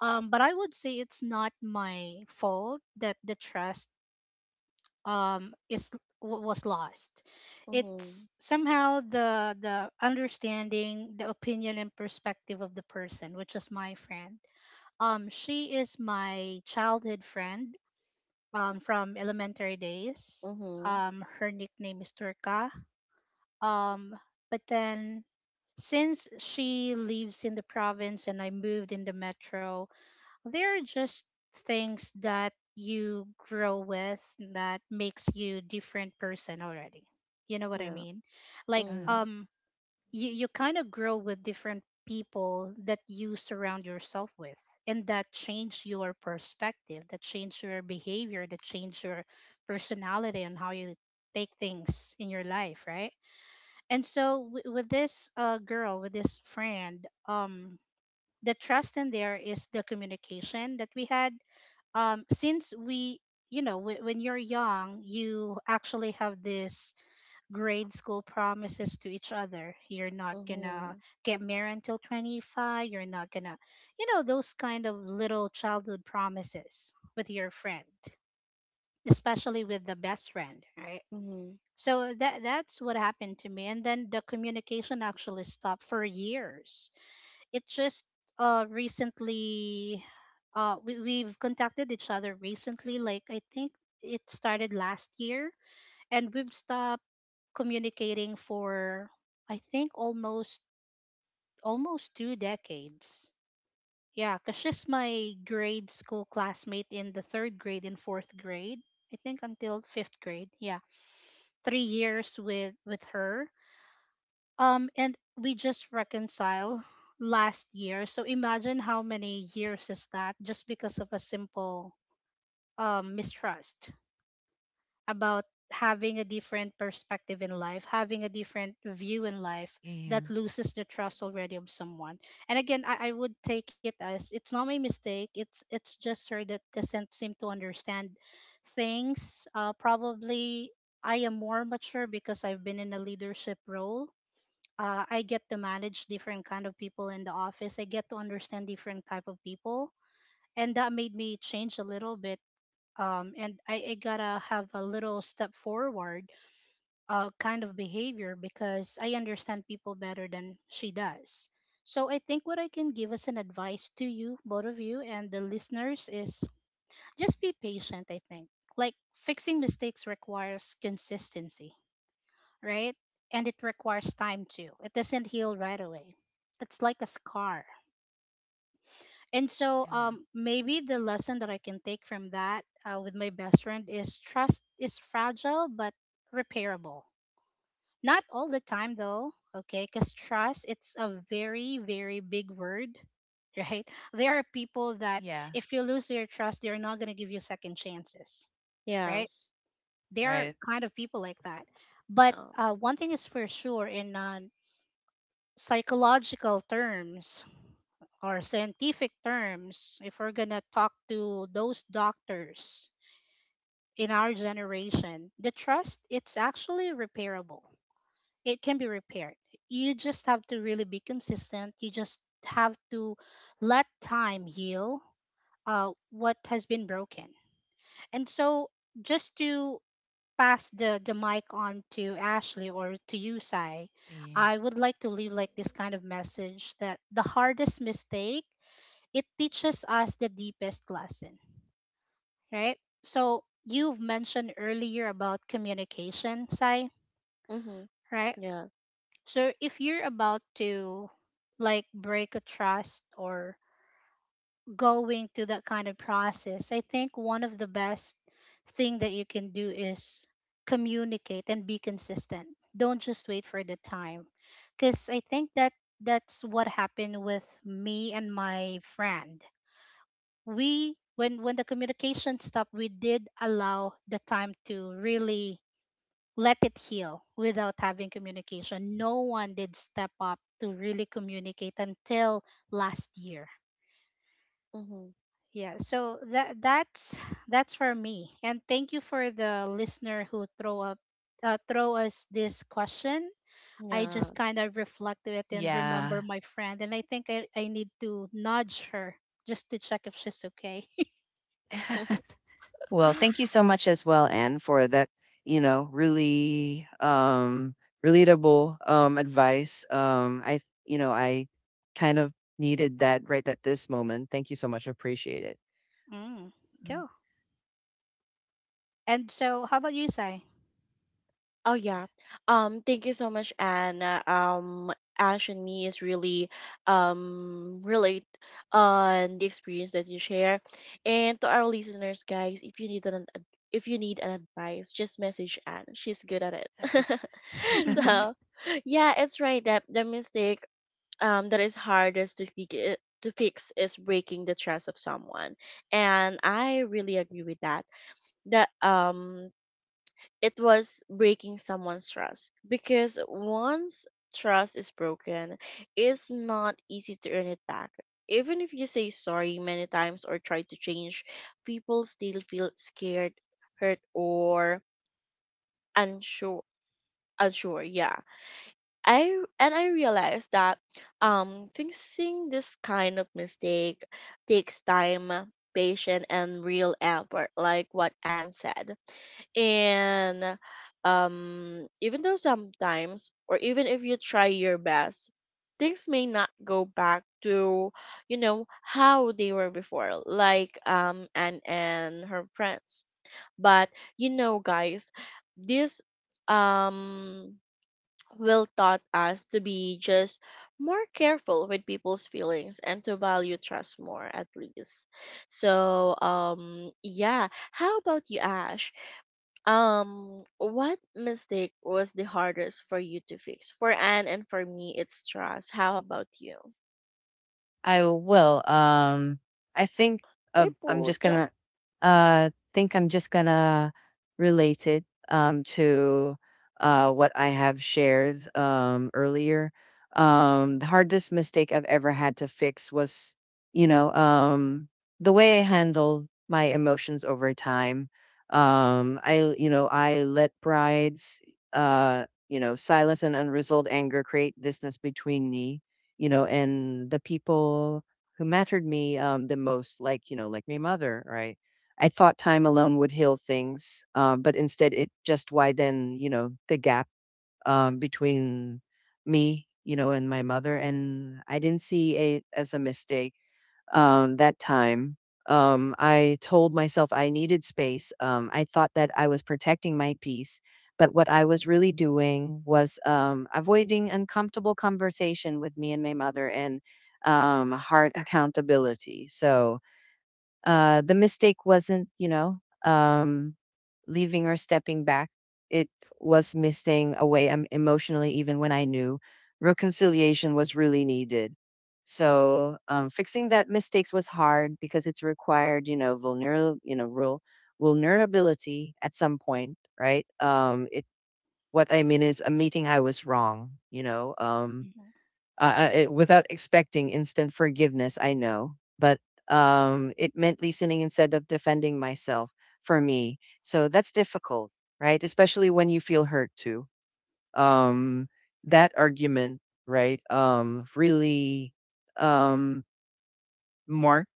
Speaker 2: But I would say it's not my fault that the trust is was lost.
Speaker 1: Mm-hmm.
Speaker 2: It's somehow the understanding, the opinion and perspective of the person, which is my friend. She is my childhood friend from elementary days.
Speaker 1: Mm-hmm.
Speaker 2: Her nickname is Turka, um, but then since she lives in the province and I moved in the metro, there are just things that you grow with that makes you different person already. You know what I
Speaker 1: Yeah.
Speaker 2: mean? Like
Speaker 3: uh,
Speaker 1: Mm-hmm.
Speaker 2: you kind of grow with different people that you surround yourself with, and that change your perspective, that change your behavior, that change your personality and how you take things in your life, right? And so with this girl, with this friend, the trust in there is the communication that we had since we, you know, when you're young you actually have this grade school promises to each other, you're not gonna
Speaker 1: Mm-hmm.
Speaker 2: get married until 25, you're not gonna, you know, those kind of little childhood promises with your friend, especially with the best friend, right?
Speaker 1: Mm-hmm.
Speaker 2: So that that's what happened to me, and then the communication actually stopped for years. It just recently, we we've contacted each other recently. Like I think it started last year, and we've stopped communicating for I think almost two decades. Yeah, cause she's my grade school classmate in the third grade and fourth grade. I think until fifth grade. Yeah, 3 years with her. And we just reconcile last year. So imagine how many years is that, just because of a simple mistrust about having a different perspective in life, having a different view in life
Speaker 3: yeah,
Speaker 2: that loses the trust already of someone. And again, I would take it as it's not my mistake. It's just her that doesn't seem to understand things. Probably I am more mature because I've been in a leadership role. I get to manage different kind of people in the office. I get to understand different type of people, and that made me change a little bit. And I gotta have a little step forward, kind of behavior, because I understand people better than she does. So I think what I can give as an advice to you, both of you, and the listeners is just be patient. I think like fixing mistakes requires consistency, right? And it requires time too. It doesn't heal right away. It's like a scar. And so,
Speaker 3: uh,
Speaker 2: maybe the lesson that I can take from that with my best friend is trust is fragile but repairable. Not all the time though, okay? Because trust, it's a very, very big word, <laughs> right? There are people that
Speaker 3: yeah,
Speaker 2: if you lose their trust, they're not going to give you second chances, right?
Speaker 1: Yes.
Speaker 2: There are
Speaker 3: right.
Speaker 2: kind of people like that. But
Speaker 1: Yeah.
Speaker 2: one thing is for sure, and psychological terms or scientific terms, if we're going to talk to those doctors in our generation, the trust, it's actually repairable. It can be repaired. You just have to really be consistent. You just have to let time heal what has been broken. And so, just to pass the mic on to Ashley or to you, Sai,
Speaker 3: Yeah.
Speaker 2: I would like to leave like this kind of message that the hardest mistake, it teaches us the deepest lesson, right? So you've mentioned earlier about communication, Sai,
Speaker 1: Mm-hmm.
Speaker 2: right?
Speaker 1: Yes.
Speaker 2: So if you're about to like break a trust or going through that kind of process, I think one of the best thing that you can do is communicate and be consistent. Don't just wait for the time, because I think that's what happened with me and my friend. We, when the communication stopped, we did allow the time to really let it heal without having communication. No one did step up to really communicate until last year.
Speaker 1: Mm-hmm.
Speaker 2: Yeah, so that that's for me. And thank you for the listener who throw up throw us this question. I just
Speaker 1: Yes.
Speaker 2: kind of reflect to it and remember
Speaker 3: Yeah.
Speaker 2: my friend, and I think I need to nudge her just to check if she's okay.
Speaker 1: <laughs>
Speaker 3: <laughs> Well, thank
Speaker 2: <laughs>
Speaker 3: you so much as well, Anne, for that, you know, really relatable advice. I You know, I kind of needed that right at this moment. Thank you so much. Appreciate it.
Speaker 2: Mm, cool. And so how about you, Sai?
Speaker 1: Oh yeah. Thank you so much, Anne. Ash and me is really relate on the experience that you share. And to our listeners, guys, if you need an ad- if you need an advice, just message Anne. She's good at it. <laughs> So
Speaker 2: <laughs>
Speaker 1: yeah, it's right that the mistake that is hardest to fix is breaking the trust of someone. And I really agree with that. That it was breaking someone's trust, because once trust is broken, it's not easy to earn it back. Even if you say sorry many times or try to change, people still feel scared, hurt, or unsure. Unsure, yeah. I realized that fixing this kind of mistake takes time, patience, and real effort, like what Anne said. And even though sometimes, or even if you try your best, things may not go back to, you know, how they were before, like and her friends. But you know guys, this um will taught us to be just more careful with people's feelings and to value trust more, at least. So yeah, how about you Ash? What mistake was the hardest for you to fix? For Anne and for me, it's trust. How about you?
Speaker 3: I will. I think uh,
Speaker 1: We
Speaker 3: I'm just
Speaker 1: put.
Speaker 3: gonna I'm just gonna relate it to what I have shared earlier. The hardest mistake I've ever had to fix was, you know, the way I handled my emotions over time. I let brides, silence and unresolved anger create distance between me, you know, and the people who mattered me, the most, like, you know, like my mother, right? I thought time alone would heal things, but instead it just widened, you know, the gap between me, you know, and my mother. And I didn't see it as a mistake that time. I told myself I needed space. I thought that I was protecting my peace, but what I was really doing was, avoiding uncomfortable conversation with me and my mother, and hard accountability. So the mistake wasn't, you know, um, leaving or stepping back. It was missing away, emotionally, even when I knew reconciliation was really needed. So fixing that mistakes was hard, because it's required, you know, real vulnerability at some point, right? It, what I mean is admitting I was wrong, you know,
Speaker 2: Mhm.
Speaker 3: without expecting instant forgiveness, I know. But it meant listening instead of defending myself, for me. So that's difficult, right? Especially when you feel hurt too. Um, that argument, right, really um, marked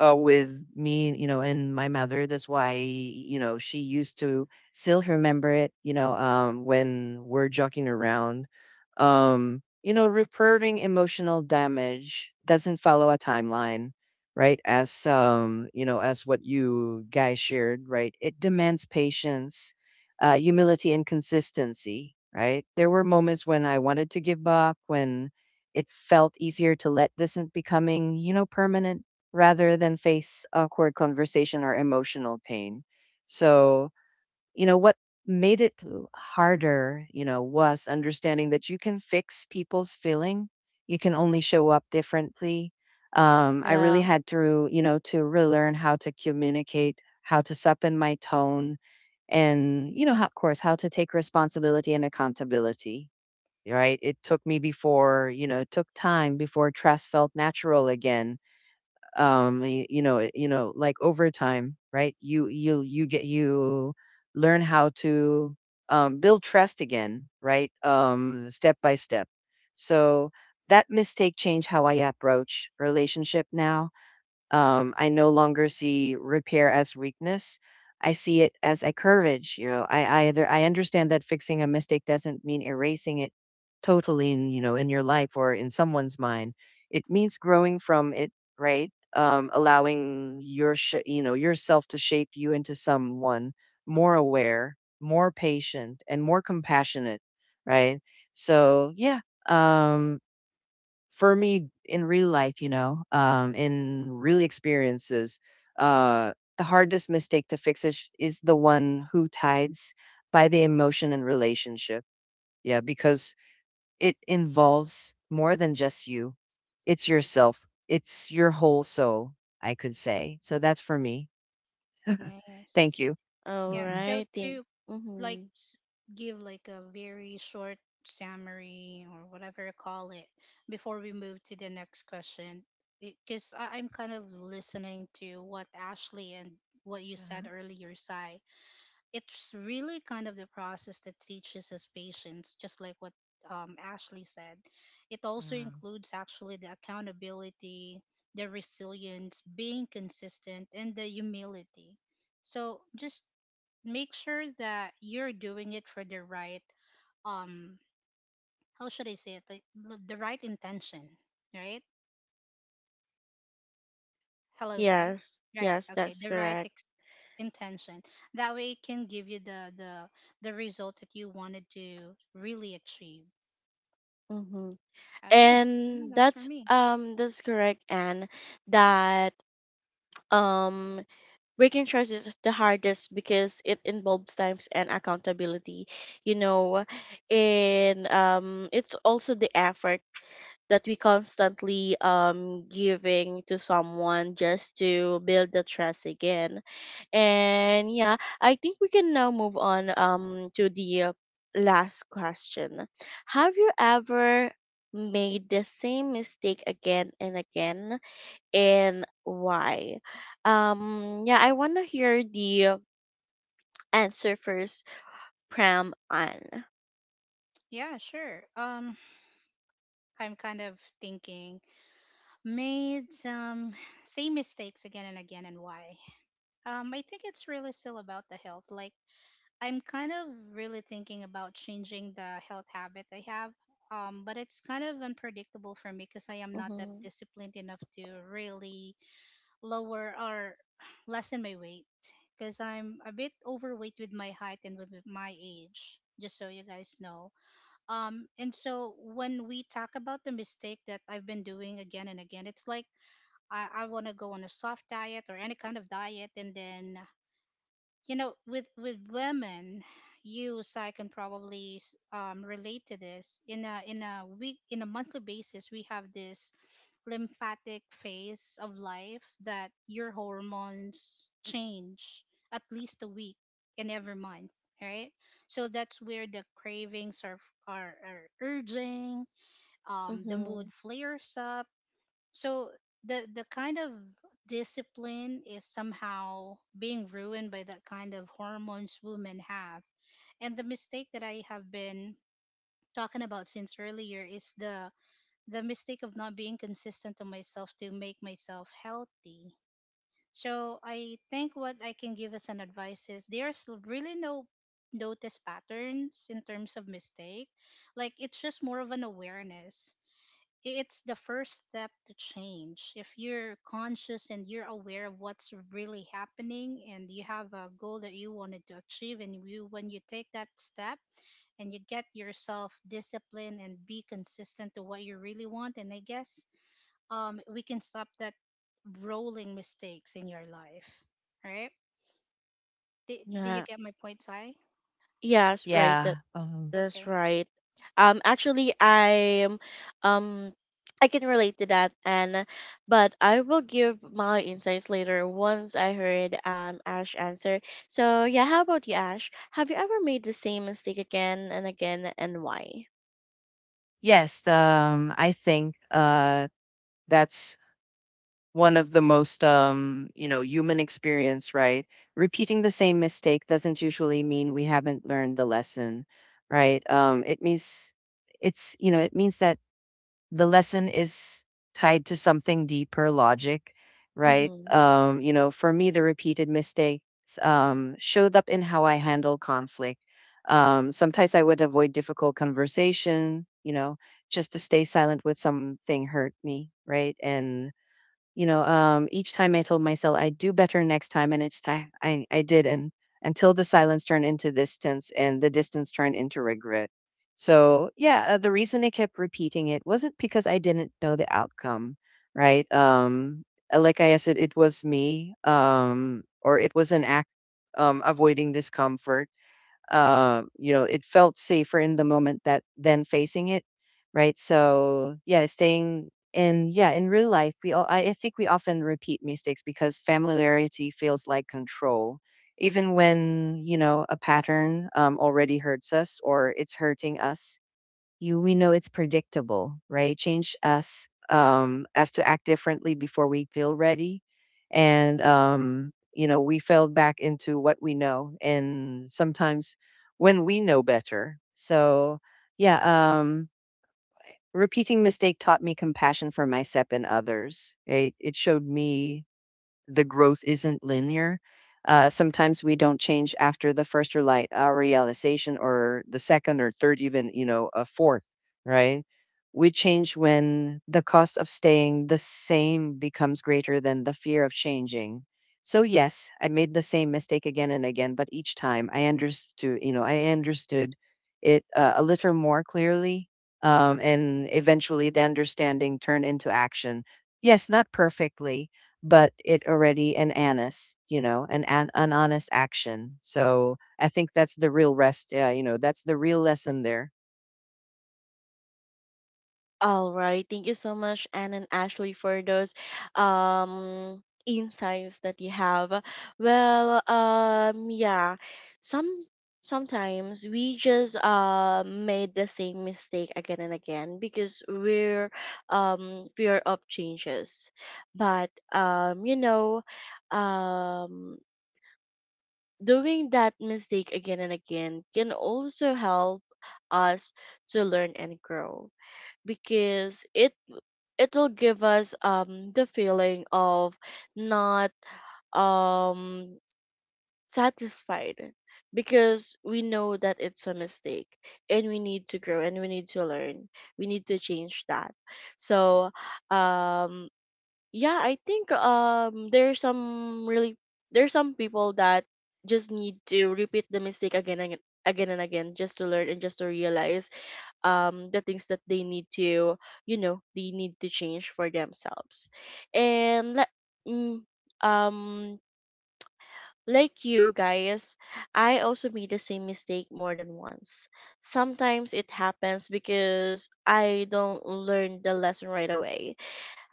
Speaker 3: with me, you know, and my mother. That's why, you know, she used to still remember it, you know, when we're joking around. You know, repairing emotional damage doesn't follow a timeline, right? As, you know, as what you guys shared, right? It demands patience, humility, and consistency, right? There were moments when I wanted to give up, when it felt easier to let this in becoming, you know, permanent, rather than face awkward conversation or emotional pain. So, you know, what made it harder, you know, was understanding that you can fix people's feeling. You can only show up differently. I really
Speaker 1: Yeah.
Speaker 3: had to, you know, to relearn how to communicate, how to soften my tone, and you know, how, of course, how to take responsibility and accountability. Right? It took me before, you know, it took time before trust felt natural again, you know, you know, like over time, right? You learn how to, build trust again, right? Step by step. So that mistake changed how I approach relationship now. I no longer see repair as weakness. I see it as a courage. You know, I understand that fixing a mistake doesn't mean erasing it totally, in you know, in your life, or in someone's mind. It means growing from it, right? Allowing your yourself to shape you into someone more aware, more patient, and more compassionate, right? So yeah, um, for me, in real life, you know, in real experiences, the hardest mistake to fix is the one who tides by the emotion and relationship. Yeah, because it involves more than just you. It's yourself, it's your whole soul, I could say. So that's for me.
Speaker 2: Nice.
Speaker 3: Thank you.
Speaker 1: All
Speaker 2: Yeah,
Speaker 3: Mhm.
Speaker 2: so
Speaker 1: right.
Speaker 2: to
Speaker 1: Think.
Speaker 2: like
Speaker 1: Mm-hmm.
Speaker 2: give like a very short summary or whatever you call it before we move to the next question, because I'm kind of listening to what Ashley and what you said
Speaker 3: huh
Speaker 2: earlier, Sai, it's really kind of the process that teaches us patience, just like what Ashley said. It also includes actually the accountability, the resilience, being consistent, and the humility. So just make sure that you're doing it for the right um how should I say it, like, the right intention, right? Hello Say,
Speaker 1: Yes.
Speaker 2: right?
Speaker 1: Yes,
Speaker 2: Okay,
Speaker 1: that's
Speaker 2: the right
Speaker 1: correct.
Speaker 2: intention. That way it can give you the the result that you wanted to really achieve.
Speaker 1: Mm-hmm.
Speaker 2: Okay,
Speaker 1: And
Speaker 2: so yeah, that's for me.
Speaker 1: that's correct, Anne. That um breaking trust is the hardest because it involves times and accountability. You know, and it's also the effort that we constantly giving to someone just to build the trust again. And yeah, I think we can now move on to the last question. Have you ever made the same mistake again and again, and why? Yeah, I want to hear the answer first from Anne.
Speaker 2: Yeah, sure, I'm kind of thinking made some same mistakes again and again and why. I think it's really still about the health. Like I'm kind of really thinking about changing the health habit I have, but it's kind of unpredictable for me because I am not that
Speaker 1: Mm-hmm.
Speaker 2: disciplined enough to really lower or lessen my weight, because I'm a bit overweight with my height and with my age, just so you guys know. And so when we talk about the mistake that I've been doing again and again, it's like I want to go on a soft diet or any kind of diet, and then you know, with women, you Sai can probably relate to this. In a week in a monthly basis, we have this lymphatic phase of life that your hormones change at least a week in every month, right? So that's where the cravings are are urging, the
Speaker 1: Mm-hmm.
Speaker 2: mood flares up. So the kind of discipline is somehow being ruined by that kind of hormones women have. And the mistake that I have been talking about since earlier is the mistake of not being consistent to myself to make myself healthy. So I think what I can give as an advice is there's really no notice patterns in terms of mistake. Like it's just more of an awareness. It's the first step to change. If you're conscious and you're aware of what's really happening and you have a goal that you wanted to achieve, and you when you take that step and you get yourself disciplined and be consistent to what you really want, and I guess we can stop that rolling mistakes in your life, right? Do, do you
Speaker 1: Yeah.
Speaker 2: get my point, Sai?
Speaker 1: Yes, right. That's
Speaker 2: Okay.
Speaker 1: right. Actually, I'm um. I can relate to that, and but I will give my insights later once I heard Ash answer. So yeah, how about you, Ash? Have you ever made the same mistake again and again, and why? Mm-hmm. All right. Thank you so much, Anne and Ashley, for those insights that you have. Well, yeah, some sometimes we just made the same mistake again and again because we're fear of changes. But you know, um, doing that mistake again and again can also help us to learn and grow, because it will give us the feeling of not um satisfied, because we know that it's a mistake and we need to grow and we need to learn, we need to change that. So um yeah, I think there's some really, there's some people that just need to repeat the mistake again and again and again, just to learn and just to realize the things that they need to, you know, they need to change for themselves. And let, mm, um like you guys, I also made the same mistake more than once. Sometimes it happens because I don't learn the lesson right away.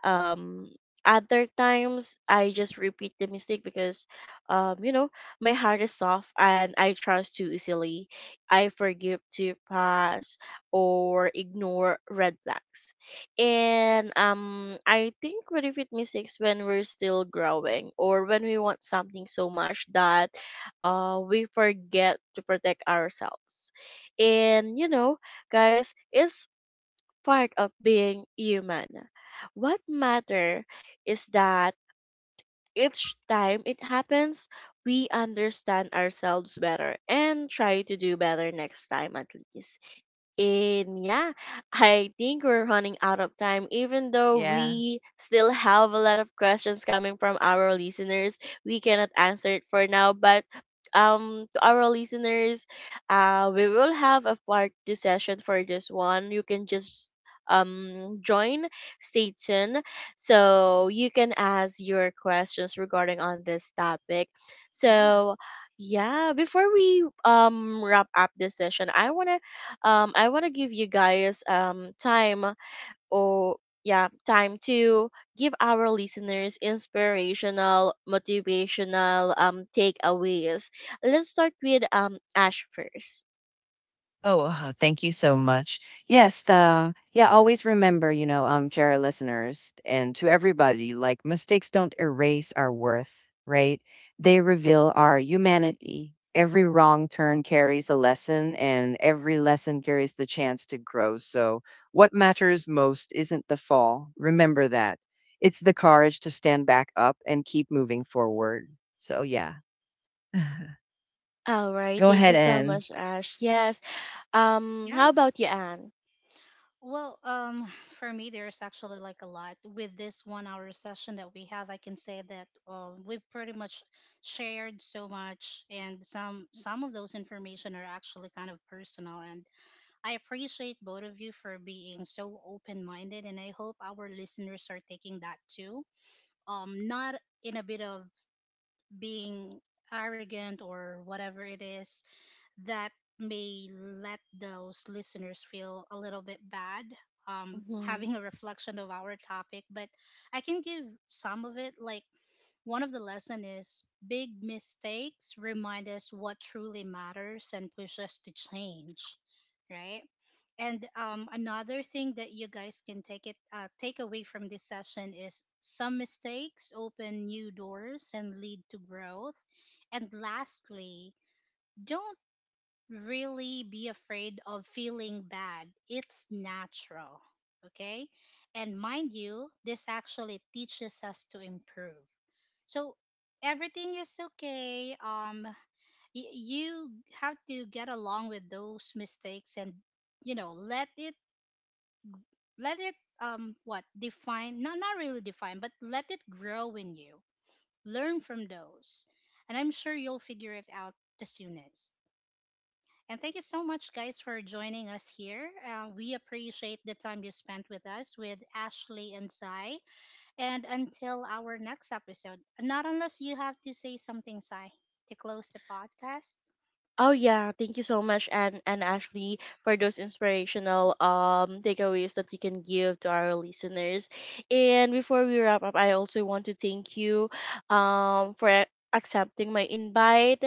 Speaker 1: um other times I just repeat the mistake because, you know, my heart is soft and I trust too easily. I forgive to pass or ignore red flags. And I think we repeat mistakes when we're still growing, or when we want something so much that we forget to protect ourselves. And you know guys, it's part of being human. What matter is that each time it happens, we understand ourselves better and try to do better next time at least. And yeah, I think we're running out of time, even though we still have a lot of questions coming from our listeners. We cannot answer it for now, but to our listeners, we will have a part two session for this one. You can just join, stay tuned, so you can ask your questions regarding on this topic.
Speaker 2: Yeah.
Speaker 1: So yeah, before we wrap up this session, I want to I want to give you guys time, or yeah, time to give our listeners inspirational motivational takeaways. Let's start with Ash first. All right, thank you so much Ash. Yes, how
Speaker 2: Yeah.
Speaker 1: about you Anne?
Speaker 2: Well, for me, there's actually like a lot with this 1-hour session that we have. I can say that we've pretty much shared so much, and some of those information are actually kind of personal. And I appreciate both of you for being so open minded, and I hope our listeners are taking that too. Not in a bit of being arrogant or whatever it is that may let those listeners feel a little bit bad
Speaker 1: Mm-hmm.
Speaker 2: having a reflection of our topic, but I can give some of it, like one of the lesson is big mistakes remind us what truly matters and push us to change, right? And another thing that you guys can take it take away from this session is some mistakes open new doors and lead to growth. And lastly, don't really be afraid of feeling bad. It's natural. Okay? And mind you, this actually teaches us to improve. So everything is okay. You have to get along with those mistakes and you know, let it let it what define, not not really define, but let it grow in you. Learn from those. And I'm sure you'll figure it out the soonest. And thank you so much, guys, for joining us here. We appreciate the time you spent with us, with Ashley and Sai. And until our next episode, not unless you have to say something, Sai, to close the podcast.
Speaker 1: Oh yeah, thank you so much and Ashley for those inspirational takeaways that you can give to our listeners. And before we wrap up, I also want to thank you for a- accepting my invite.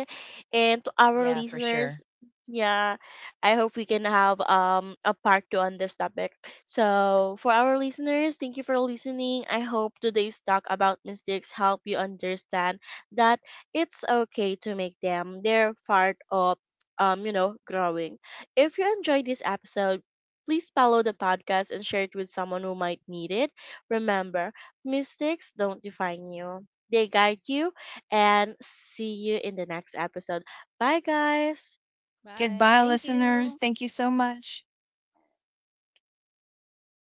Speaker 1: And to our listeners, yeah, I hope we can have a part 2 on this topic. So, for our listeners, thank you for listening. I hope today's talk about mistakes help you understand that it's okay to make them. They're part of, you know, growing. If you enjoyed this episode, please follow the podcast and share it with someone who might need it. Remember, mistakes don't define you. They guide you, and see you in the next episode. Bye guys.
Speaker 2: Bye. Thank you. Guys,